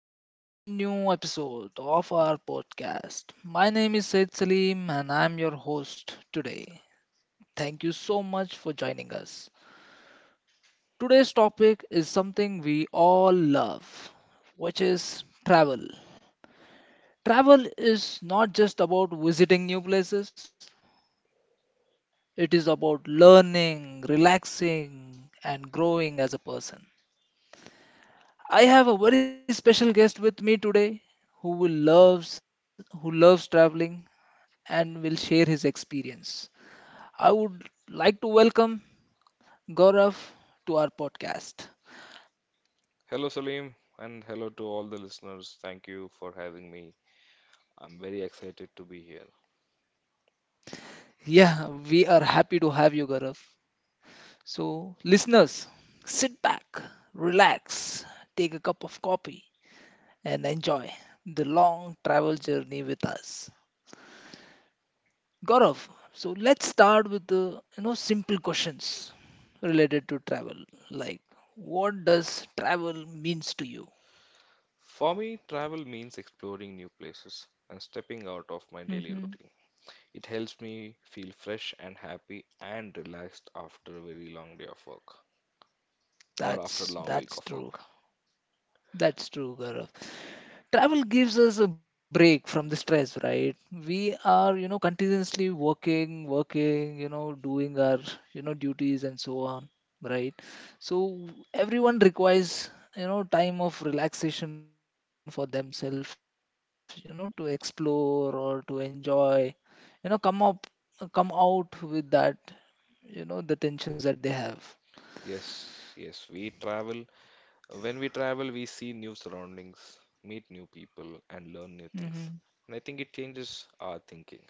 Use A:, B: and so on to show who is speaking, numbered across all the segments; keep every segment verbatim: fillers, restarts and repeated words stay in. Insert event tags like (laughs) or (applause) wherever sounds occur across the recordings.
A: to a brand new episode of our podcast. My name is Said Salim and I'm your host today. Thank you so much for joining us. Today's topic is something we all love, which is travel. Travel is not just about visiting new places, it is about learning, relaxing, and growing as a person. I have a very special guest with me today who will loves who loves traveling and will share his experience. I would like to welcome Gaurav to our podcast.
B: Hello, Salim, and hello to all the listeners. Thank you for having me. I'm very excited to be here.
A: Yeah, we are happy to have you, Gaurav. So, listeners, sit back, relax, take a cup of coffee, and enjoy the long travel journey with us. Gaurav, so let's start with the you know simple questions related to travel, like what does travel means to you?
B: For me, travel means exploring new places and stepping out of my daily
A: Hmm.
B: routine. It helps me feel fresh and happy and relaxed after a very long day of work or after a
A: That's
B: long week
A: that's
B: of
A: true.
B: work.
A: That's true, Gaurav. Travel gives us a break from the stress, right? We are, you know, continuously working, working, you know, doing our, you know, duties and so on, right? So everyone requires, you know, time of relaxation for themselves, you know, to explore or to enjoy, you know, come up, come out with that, you know, the tensions that they have.
B: Yes, yes, we travel. When we travel, we see new surroundings, meet new people, and learn new things.
A: Hmm.
B: And I think it changes our thinking.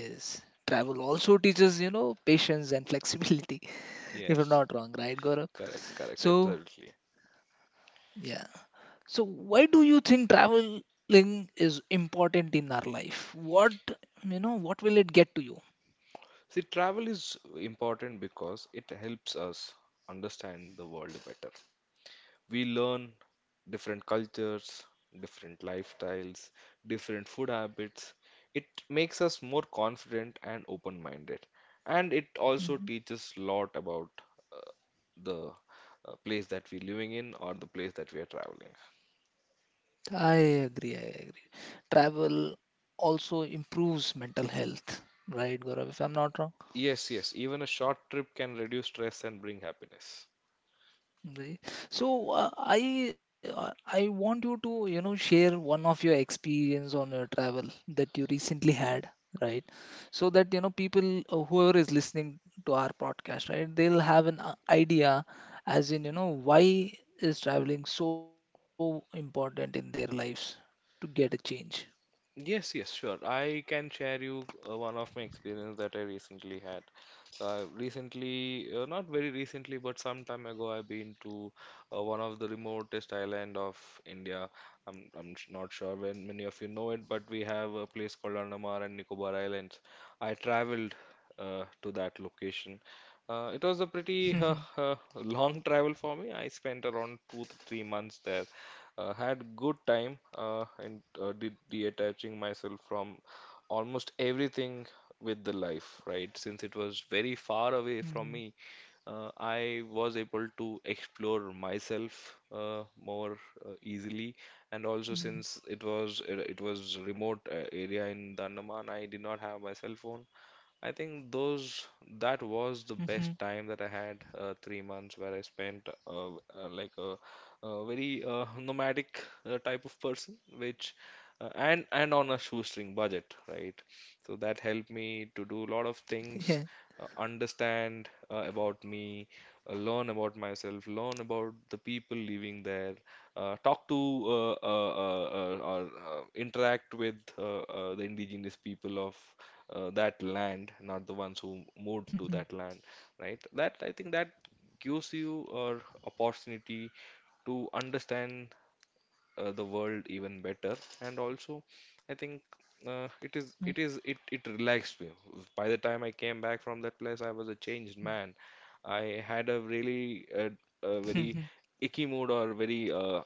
A: Yes. Travel also teaches, you know, patience and flexibility, (laughs) if I'm
B: Yes,
A: not wrong, right, Gaurav?
B: correct, correct,
A: So,
B: absolutely.
A: yeah. So, why do you think traveling is important in our life? What, you know, what will it get to you?
B: See, travel is important because it helps us understand the world better. We learn different cultures, different lifestyles, different food habits. It makes us more confident and open-minded. And it also
A: Mhm.
B: teaches lot about uh, the uh, place that we're living in or the place that we are traveling.
A: I agree. I agree. Travel also improves mental health, right, Gaurav? If I'm not wrong.
B: Yes, yes, even a short trip can reduce stress and bring happiness.
A: Right. So uh, I uh, I want you to you know share one of your experience on your travel that you recently had, right? So that you know people uh, whoever is listening to our podcast, right? They'll have an uh, idea as in you know why is traveling so important in their lives to get a change.
B: Yes, yes, sure. I can share you uh, one of my experience that I recently had. Uh, recently, uh, not very recently, but some time ago, I've been to uh, one of the remotest island of India. I'm I'm sh- not sure when many of you know it, but we have a place called Andaman and Nicobar Islands. I traveled uh, to that location. Uh, it was a
A: (laughs)
B: pretty uh, uh, long travel for me. I spent around two to three months there. Uh, had good time uh, and uh, de detaching myself from almost everything with the life, right? Since it was very far
A: Mhm,
B: away from me, uh, I was able to explore myself uh, more uh,
A: mhm,
B: easily, and also since it was it, was remote uh, area in the Andaman, I did not have my cell phone. I think
A: mhm,
B: those
A: mhm,
B: That was the best time that I had, uh, three months, where I spent uh, uh, like a, a very uh, nomadic uh, type of person, which uh, and and on a shoestring budget, right? So that helped
A: yeah.
B: me to do a lot of things, uh, understand uh, about me, uh, learn about myself, learn about the people living there, uh, talk to uh, uh, uh, uh, or uh, interact with uh, uh, the indigenous people of uh, that land, not the
A: Mhm,
B: ones who moved to that land, right? That I think that gives you an opportunity to understand uh, the world even better. And also, I
A: mhm,
B: think uh, it is it is it it relaxed me. By the time I came back from that place, I was a changed man. I had a
A: mhm,
B: really uh, a very icky mood, or very uh,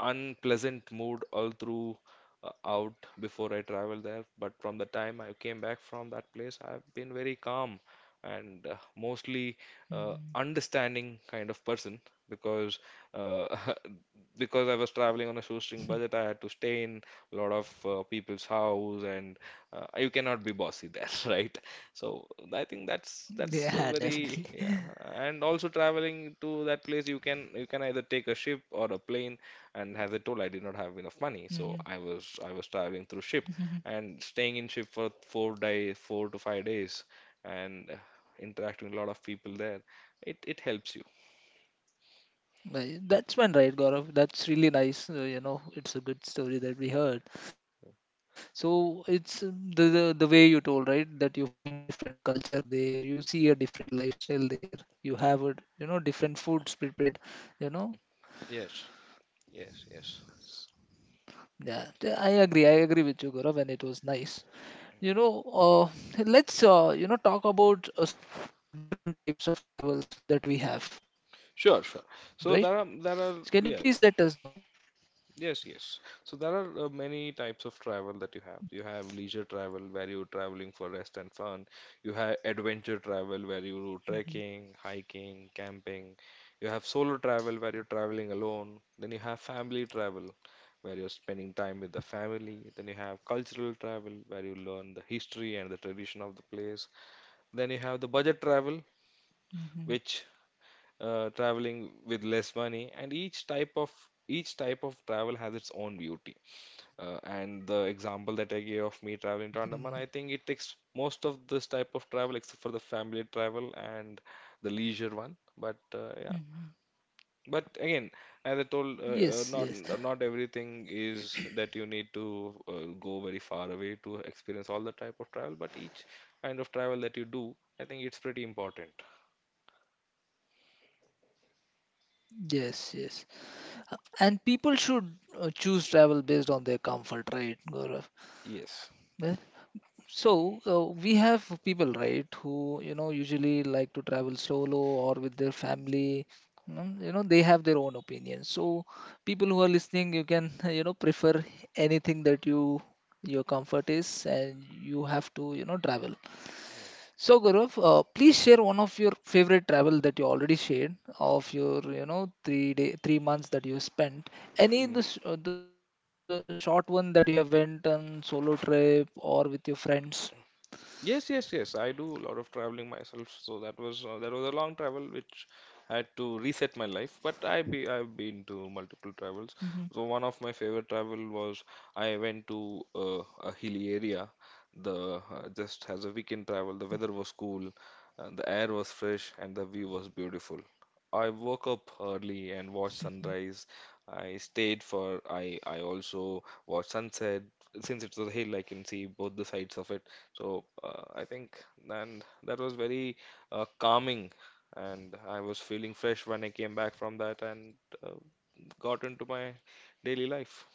B: unpleasant mood, all through uh, out before I traveled there. But from the time I came back from that place, I've been very calm and uh, mostly
A: mhm.
B: uh, understanding kind of person, because uh, (laughs) because I was traveling on a shoestring budget, I had to stay in a lot of uh, people's house, and uh, you cannot be bossy there, (laughs) right? So I think
A: Yeah,
B: that's
A: definitely.
B: that's a very, yeah. And also, traveling to that place, you can you can either take a ship or a plane, and as I told, I did not have enough money, so I was I was traveling through
A: (laughs)
B: ship and staying in ship for four days, four to five days, and uh, interacting with a lot of people there. It it helps you,
A: Right. That's when, right, Gaurav. That's really nice. Uh, you know, it's a good story that we heard. So it's uh, the the the way you told, right? That you find a different culture there, you see a different lifestyle there, you have a you know different foods prepared. You know,
B: yes. Yes, yes.
A: yeah. th- I agree. I agree with you, Gaurav, and it was nice. You know, uh, let's uh, you know talk about uh, some different types of travels that we have,
B: Sure, sure.
A: right?
B: So there are
A: So can you
B: there are
A: please let us
B: yeah,
A: know?
B: yes, yes. So there are uh, many types of travel that you have. You have leisure travel where you're traveling for rest and fun. You have adventure travel where you do
A: Hmm.
B: trekking, hiking, camping. You have solo travel where you're traveling alone. Then you have family travel where you're spending time with the family. Then you have cultural travel where you learn the history and the tradition of the place. Then you have the budget travel,
A: Hmm.
B: which uh, traveling with less money, and each type of each type of travel has its own beauty. Uh, and the example that I gave of me traveling to
A: Hmm.
B: Andaman, I think it takes most of this type of travel except for the family travel and the leisure one. But uh, yeah.
A: Hmm.
B: But again, as I told, uh, uh, not
A: Yes, yes.
B: not everything is that you need to uh, go very far away to experience all the type of travel. But each kind of travel that you do, I think it's pretty important.
A: Yes, yes. Uh, And people should uh, choose travel based on their comfort, right, Gaurav?
B: Yes.
A: Yes. So uh, we have people, right, who you know usually like to travel solo or with their family. mm, You know, they have their own opinions. So people who are listening, you can (laughs) you know prefer anything that you your comfort is, and you have to you know travel. So Gaurav, uh, please share one of your favorite travel that you already shared of your you know three day three months that you
B: Mm.
A: spent. Any the sh- uh, the short one that you have went on solo trip or with your friends?
B: Yes, yes, yes. I do a lot of traveling myself, so that was uh, that was a long travel which had to reset my life. But I be I've been to multiple travels.
A: Mhm.
B: So one of my favorite travel was, I went to uh, a hilly area. The uh, Just as a weekend travel, the weather was cool, uh, the air was fresh, and the view was beautiful. I woke up early and watched sunrise. I stayed for I I also watched sunset. Since it's a hill, I can see both the sides of it. So uh, I think, and that was very uh, calming, and I was feeling fresh when I came back from that and uh, got into my daily life.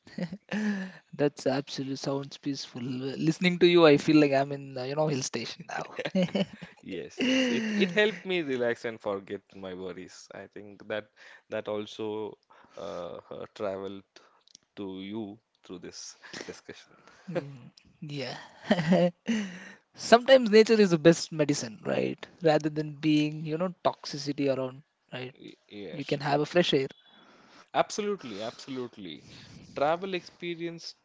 A: (laughs) That's absolutely sounds peaceful. Listening to you, I feel like I'm in uh, you know hill station now. (laughs)
B: Yes, yes, it it helped me relax and forget my worries. I think that that also uh, uh, traveled to you through this discussion.
A: Mm, yeah. (laughs) Sometimes nature is the best medicine, right? Rather than being, you know, toxicity around,
B: Y-
A: right?
B: Yes,
A: You can have a fresh air.
B: absolutely, absolutely. Travel experience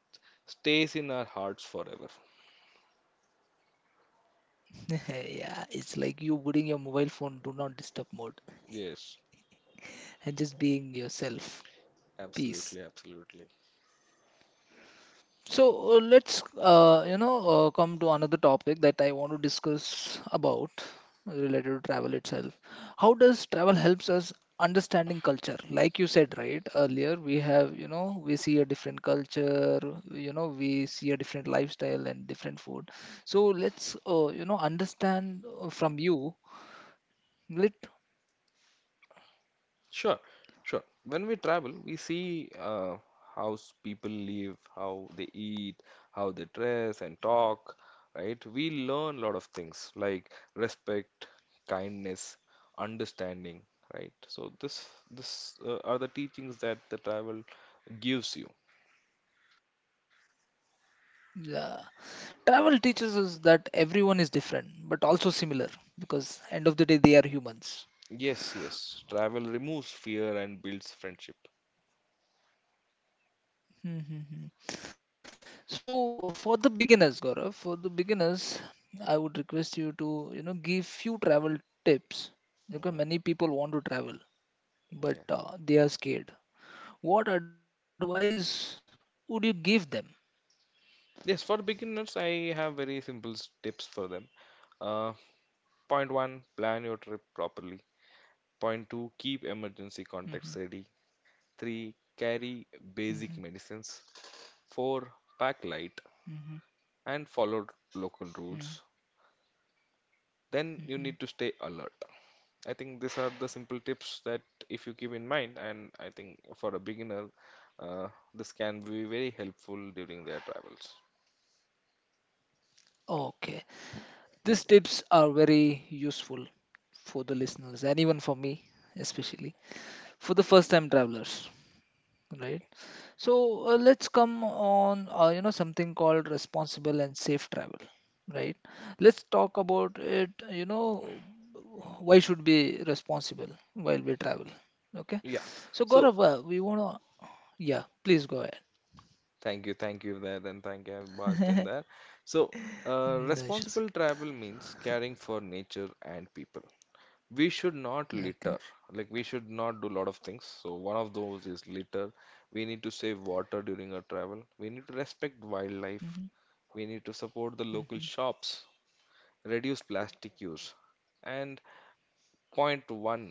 B: stays in our hearts forever.
A: (laughs) Yeah, it's like you putting your mobile phone do not disturb mode
B: Yes.
A: and just being yourself. Peace.
B: Absolutely, absolutely.
A: So uh, let's uh, you know uh, come to another topic that I want to discuss about uh, related to travel itself. How does travel helps us understanding culture? Like you said right earlier, we have you know we see a different culture, you know we see a different lifestyle and different food. So let's uh, you know understand uh, from you. Let
B: Sure, sure. When we travel, we see uh, how s- people live, how they eat, how they dress and talk, right? We learn a lot of things like respect, kindness, understanding, right? So this this uh, are the teachings that the travel gives you.
A: Yeah. Travel teaches us that everyone is different but also similar because end of the day they are humans.
B: Yes, yes. Travel removes fear and builds friendship.
A: Mm-hmm. So uh, for the beginners, Gaurav, for the beginners, I would request you to you know give few travel tips because many people want to travel but
B: Yeah.
A: uh, they are scared. What advice would you give them?
B: Yes, for beginners, I have very simple s- tips for them. Uh, Point one: Plan your trip properly. Point two: Keep emergency
A: Mm-hmm.
B: contacts ready. three: Carry
A: Hmm.
B: basic medicines. four: Pack
A: Hmm.
B: light
A: Hmm.
B: and follow local
A: Hmm,
B: rules.
A: hmm, hmm.
B: Then you need to stay alert. I think these are the simple tips that, if you keep in mind, and I think for a beginner, uh, this can be very helpful during their travels.
A: Okay, these tips are very useful for the listeners and even for me especially for the first time travelers, right? So uh, let's come on, uh, you know, something called responsible and safe travel, right? Let's talk about it, you know, why should be responsible while we travel,
B: Yeah.
A: okay?
B: So,
A: So Gaurav, uh, we want to, yeah, please go
B: thank you, thank you there, and thank you. I've barged in there.
A: ahead. (laughs)
B: So, uh,
A: No
B: responsible
A: issues.
B: travel means caring for nature and people. We should not litter.
A: Okay.
B: Like, we should not do a lot of things. So one of those is litter. We need to save water during our travel. We need to respect wildlife.
A: Hmm.
B: We need to support the local
A: Hmm.
B: shops. Reduce plastic use. And point one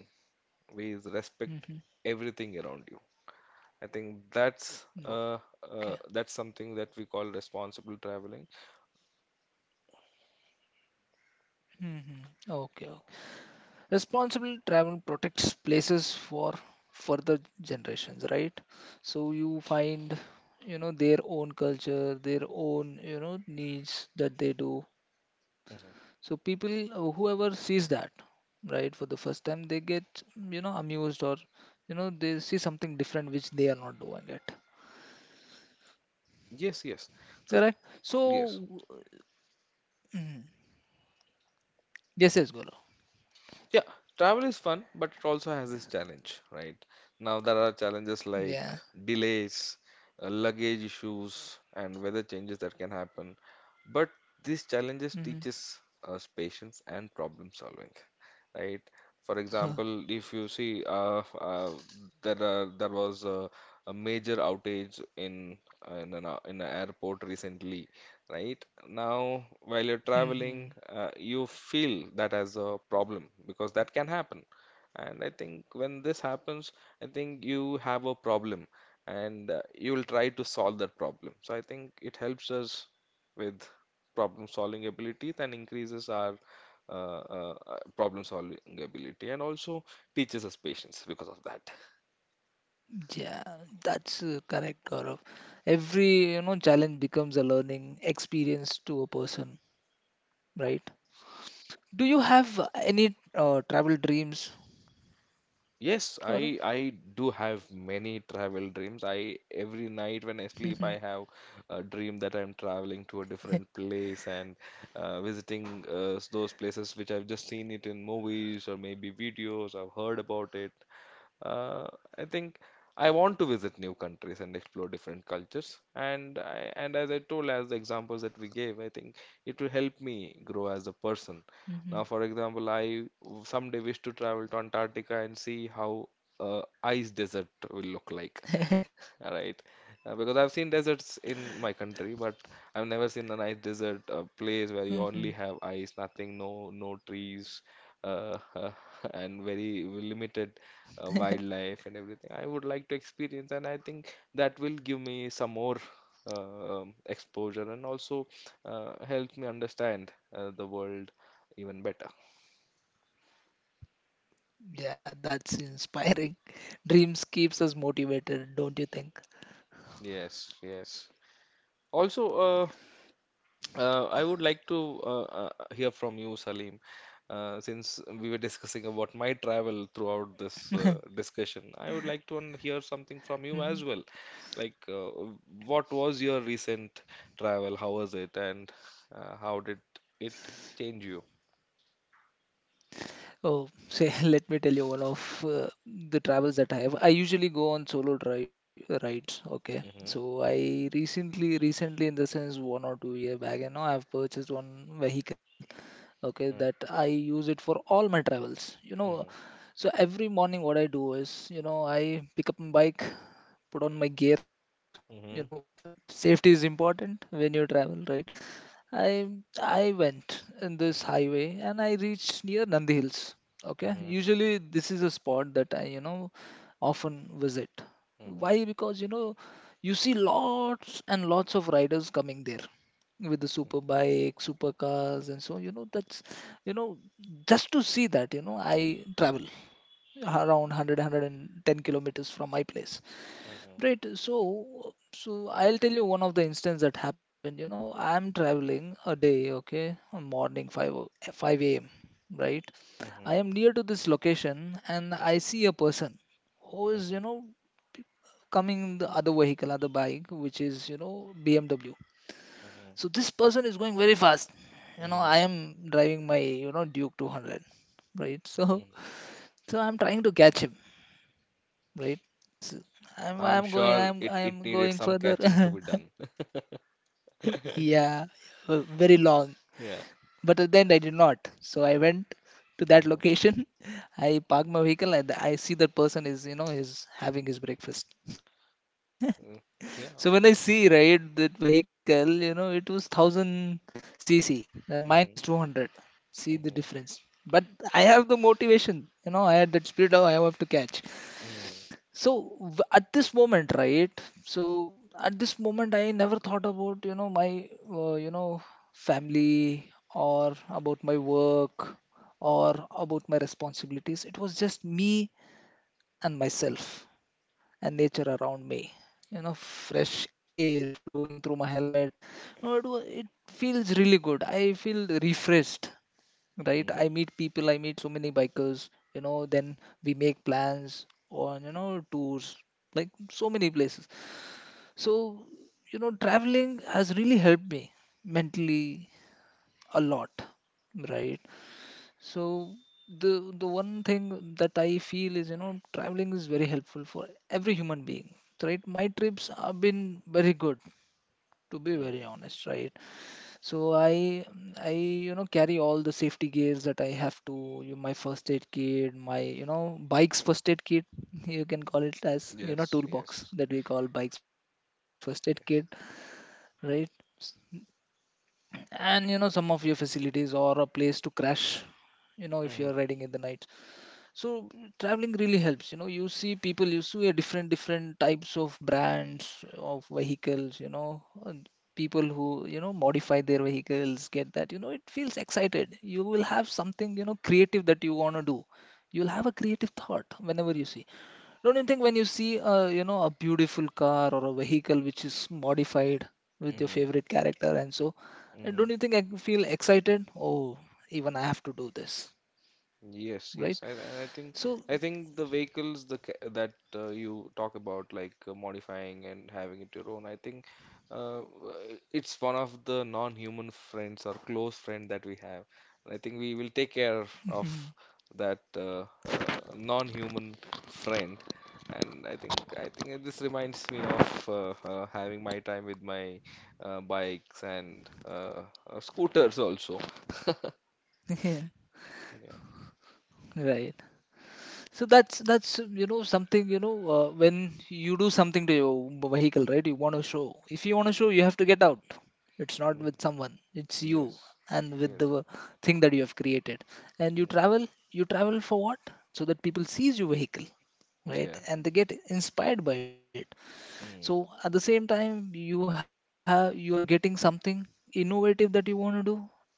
B: is respect everything
A: Hmm.
B: around you. I think that's uh, uh
A: Okay.
B: that's something that we call responsible traveling.
A: Hmm. Okay. Responsible travel protects places for further generations, right? So you find, you know, their own culture, their own, you know, needs that they do.
B: Mhm.
A: So people, uh, whoever sees that, right, for the first time, they get, you know, amused or, you know, they see something different which they are not doing it.
B: Yes, yes. So,
A: Correct? So,
B: yes,
A: mm, yes, yes, Golo.
B: yeah, travel is fun, but it also has its challenge, right? Now, there are challenges like
A: Yeah.
B: delays, uh, luggage issues, and weather changes that can happen. But these challenges teaches us patience and problem solving, right? For example,
A: Mm-hmm.
B: if you see, uh, uh, there are, there was a, a major outage in in an, a- in an airport recently, right? Now, while you're
A: (laughs)
B: traveling, uh, you feel that as a problem because that can happen. And I think when this happens, I think you have a problem, and uh, you will try to solve that problem. So I think it helps us with problem solving abilities and increases our uh, uh, uh, problem solving ability, and also teaches us patience because of that.
A: Yeah, that's uh, correct, Gaurav. Every, you know, challenge becomes a learning experience to a person, right? Do you have uh, any uh, travel dreams,
B: Yes, I
A: Gaurav?
B: I do have many travel dreams. I Every night when I sleep,
A: Mhm,
B: I have a dream that I'm traveling to a different place and uh, visiting uh, those places which I've just seen it in movies or maybe videos I've heard about it. uh, I think I want to visit new countries and explore different cultures. And I, and as I told, as the examples that we gave, I think it will help me grow as a
A: mhm,
B: person. Now, for example, I w- someday wish to travel to Antarctica and see how uh, ice desert will look
A: (laughs)
B: like. (laughs) All right. Uh, because I've seen deserts in my country, but I've never seen a nice desert uh, place
A: mhm.
B: where you only have ice, nothing, no no trees, uh, (laughs) and very limited uh,
A: (laughs)
B: wildlife and everything. I would like to experience, and I think that will give me some more uh, um, exposure, and also uh, help me understand uh, the world even better.
A: Yeah, that's inspiring. Dreams keeps us motivated, don't you think?
B: Yes, yes. Also, uh, uh, I would like to uh, uh, hear from you, Salim, uh, since we were discussing about my travel throughout this uh,
A: (laughs)
B: discussion. I would like to un- hear something from you as well.
A: Mhm.
B: Like, uh, what was your recent travel? How was it, and uh, how did it change you?
A: Oh, say, (laughs) let me tell you one of uh, the travels that I have. I usually go on solo dri rides.
B: Mm-hmm,
A: Okay, so I recently, recently in the sense one or two year back, you know, I've purchased one vehicle. Okay,
B: mm-hmm,
A: that I use it for all my travels. You know, so every morning what I do is, you know, I pick up my bike, put on my gear.
B: mm-hmm,
A: You know, safety is important when you travel, right? I I went in this highway and I reached near Nandi Hills. Okay,
B: mm-hmm,
A: usually this is a spot that I you know often visit.
B: mm-hmm, mm-hmm,
A: Why? Because you know you see lots and lots of riders coming there with the super bike, super cars, and so you know that's you know just to see that you know I travel around 100 110 kilometers from my place.
B: mm-hmm,
A: Right. So, so I'll tell you one of the instance that happened. You know, I'm traveling a day, okay, a morning five o- five a m. Right. I am near to this location and I see a person who
B: mm-hmm,
A: is, you
B: mm-hmm.
A: know, coming in the other vehicle, other bike, which is, you know, B M W.
B: Mm-hmm,
A: So this person is going very fast. You know,
B: mm-hmm.
A: I am driving my, you know, Duke two hundred, right? So, so I'm trying to catch him, right? So
B: I'm
A: I'm, I'm
B: sure
A: going,
B: it, it
A: I'm,
B: needed
A: I'm
B: some
A: going
B: catching to
A: further.
B: be done.
A: (laughs)
B: (laughs)
A: Yeah, uh, very long.
B: Yeah.
A: But at the end, I did not. So I went to
B: Uh-huh.
A: that location. (laughs) I parked my vehicle and I see that person is, you know, is having his breakfast. (laughs)
B: Mm. Yeah,
A: So
B: always.
A: when I see, right, that vehicle, you know, it was a thousand cc and mine
B: Mm-hmm.
A: is two hundred. See the
B: Mm-hmm.
A: difference. But I have the motivation, you know, I had that spirit of I have to catch.
B: Mm.
A: So w- at this moment, right? So at this moment, I never thought about you know my uh, you know family or about my work or about my responsibilities. It was just me and myself and nature around me. You know, fresh air flowing through my helmet. You know, it was, it feels really good. I feel refreshed, right? I
B: Mm.
A: meet people, I meet so many bikers, you know, then we make plans on, you know, tours, like so many places. So, you know, traveling has really helped me mentally a lot, right? So the the one thing that I feel is, you know, traveling is very helpful for every human being, right? My trips have been very good,
B: Mm.
A: to be very honest, right? So I I you know carry all the safety gears that I have to you, my first aid kit, my you know bike's first aid kit. (laughs) You can call
B: Yes,
A: it as
B: yes,
A: you know toolbox that we call bike's first aid
B: yes.
A: kit, right? And you know some of your facilities or a place to crash. You know if
B: Mm-hmm.
A: you're riding in the night. So traveling really helps. You know, you see people, you see a different different types of brands of vehicles. You know, and people who you know modify their vehicles get that. You know, it feels excited. You will have something you know creative that you wanna do. You'll have a creative thought whenever you see. Don't you think when you see a you know a beautiful car or a vehicle which is modified with your favorite character and so, uh,
B: Mm-hmm.
A: don't you think I feel excited? Oh, even I have to do this,
B: Yes, yes.
A: right?
B: I I I think
A: So
B: I think the vehicles, the ca- that uh, you talk about, like uh, modifying and having it your own, I think, uh, w- it's one of the non-human friends or close friend that we have. And I think we will take care
A: Mhm.
B: of that uh, uh, non-human friend. And I think I think this reminds me of uh, uh, having my time with my uh, bikes and uh, uh, scooters also. (laughs)
A: (laughs)
B: Yeah.
A: Right. So that's that's you know something you know uh, when you do something to your b- vehicle, right? You want to show. If you want to show, you have to get out. It's not with
B: Mm-hmm.
A: someone. It's you
B: Yes.
A: and with the
B: Yes.
A: thing that you have created. And you
B: Mm.
A: travel. You travel for what? So that people sees your vehicle, right?
B: Yeah.
A: And they get inspired by it. So
B: Mm.
A: at the same time you have you are getting something innovative that you want to do,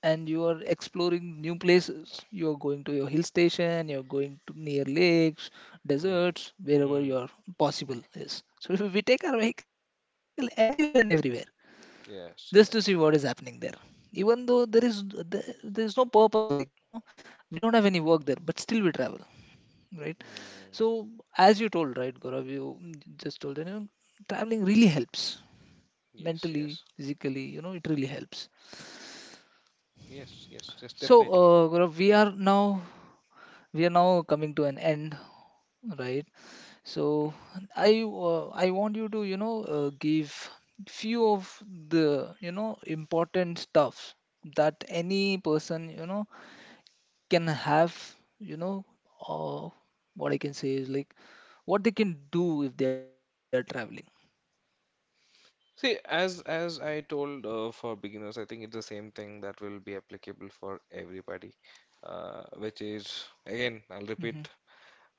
A: and you are exploring new places. You're going to your hill station, you're going to near lakes,
B: Mm.
A: deserts,
B: Mm.
A: wherever your possible is. So (laughs) if we take our vehicle anywhere and everywhere just
B: Yes.
A: to see what is
B: Yes.
A: happening there, even though there is there- there's no purpose, like you know we don't have any work there, but still we travel, right? So
B: Mm.
A: as you told, right, Gaurav, you mm, just told that, you know, traveling really helps
B: Yes.
A: mentally,
B: Yes.
A: physically, you know, it really helps.
B: Yes. Yes.
A: So,
B: Yes.
A: uh,
B: Definitely.
A: Gaurav, we are now we are now coming to an end, right? So, I uh, I want you to you know uh, give few of the you know important stuff that any person you know can have, you know uh, what I can say is like what they can do if they are traveling.
B: See, as as I told, uh, for beginners, I think it's the same thing that will be applicable for everybody. Uh, which is,
A: Mm-hmm,
B: again, I'll repeat,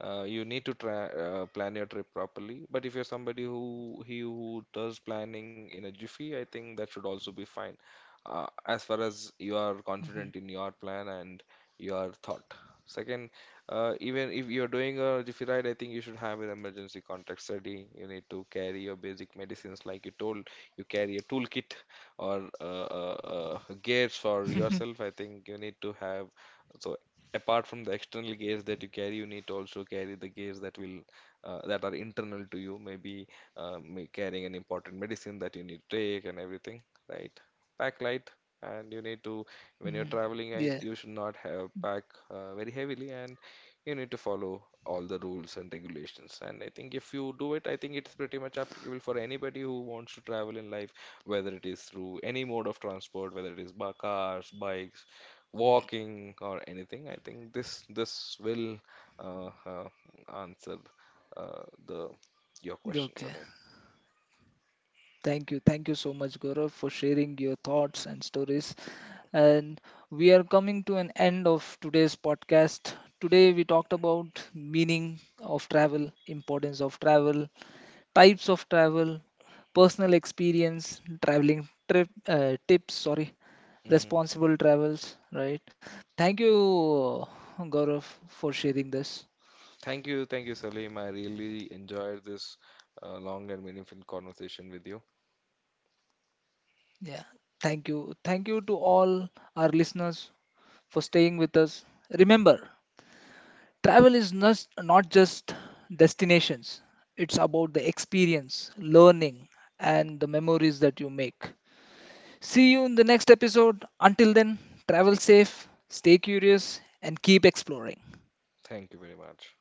B: uh, you need to try, uh, plan your trip properly. But if you're somebody who he who does planning in a jiffy, I think that should also be fine. Uh, as far as
A: mm-hmm,
B: you are confident in your plan and your thought. Second, uh, even if you're doing a jiffy ride, I think you should have an emergency contact ready. You need to carry your basic medicines, like you told. You carry a toolkit, or uh, uh, uh, gears for yourself. I think you need to have, so apart from the external gaze that you carry, you need to also carry the gaze that will, uh, that are internal to you, maybe uh, may- carrying an important medicine that you need to take and everything, right? Pack light,
A: (laughs) mm-hmm.
B: and you
A: Yeah.
B: need to, when you're traveling, I, you should not have pack uh, very heavily, and you need to follow all the rules and regulations. And I think if you do it, I think it's pretty much applicable for anybody who wants to travel in life, whether it is through any mode of transport, whether it is by cars, bikes, walking, or anything. I think this this will uh, uh, answer uh, the your
A: Okay.
B: question, Salim.
A: Thank you. Thank you so much, Gaurav, for sharing your thoughts and stories. And we are coming to an end of today's podcast. Today, we talked about meaning of travel, importance of travel, types of travel, personal experience, traveling trip uh, tips, sorry,
B: Hmm.
A: responsible travels, right? Thank you, uh, Gaurav, for sharing this.
B: Thank you, thank you, Salim. I really enjoyed this uh, long and meaningful conversation with you.
A: Yeah, thank you. Thank you to all our listeners for staying with us. Remember, travel is not, not just destinations, it's about the experience, learning, and the memories that you make. See you in the next episode. Until then, travel safe, stay curious, and keep exploring.
B: Thank you very much.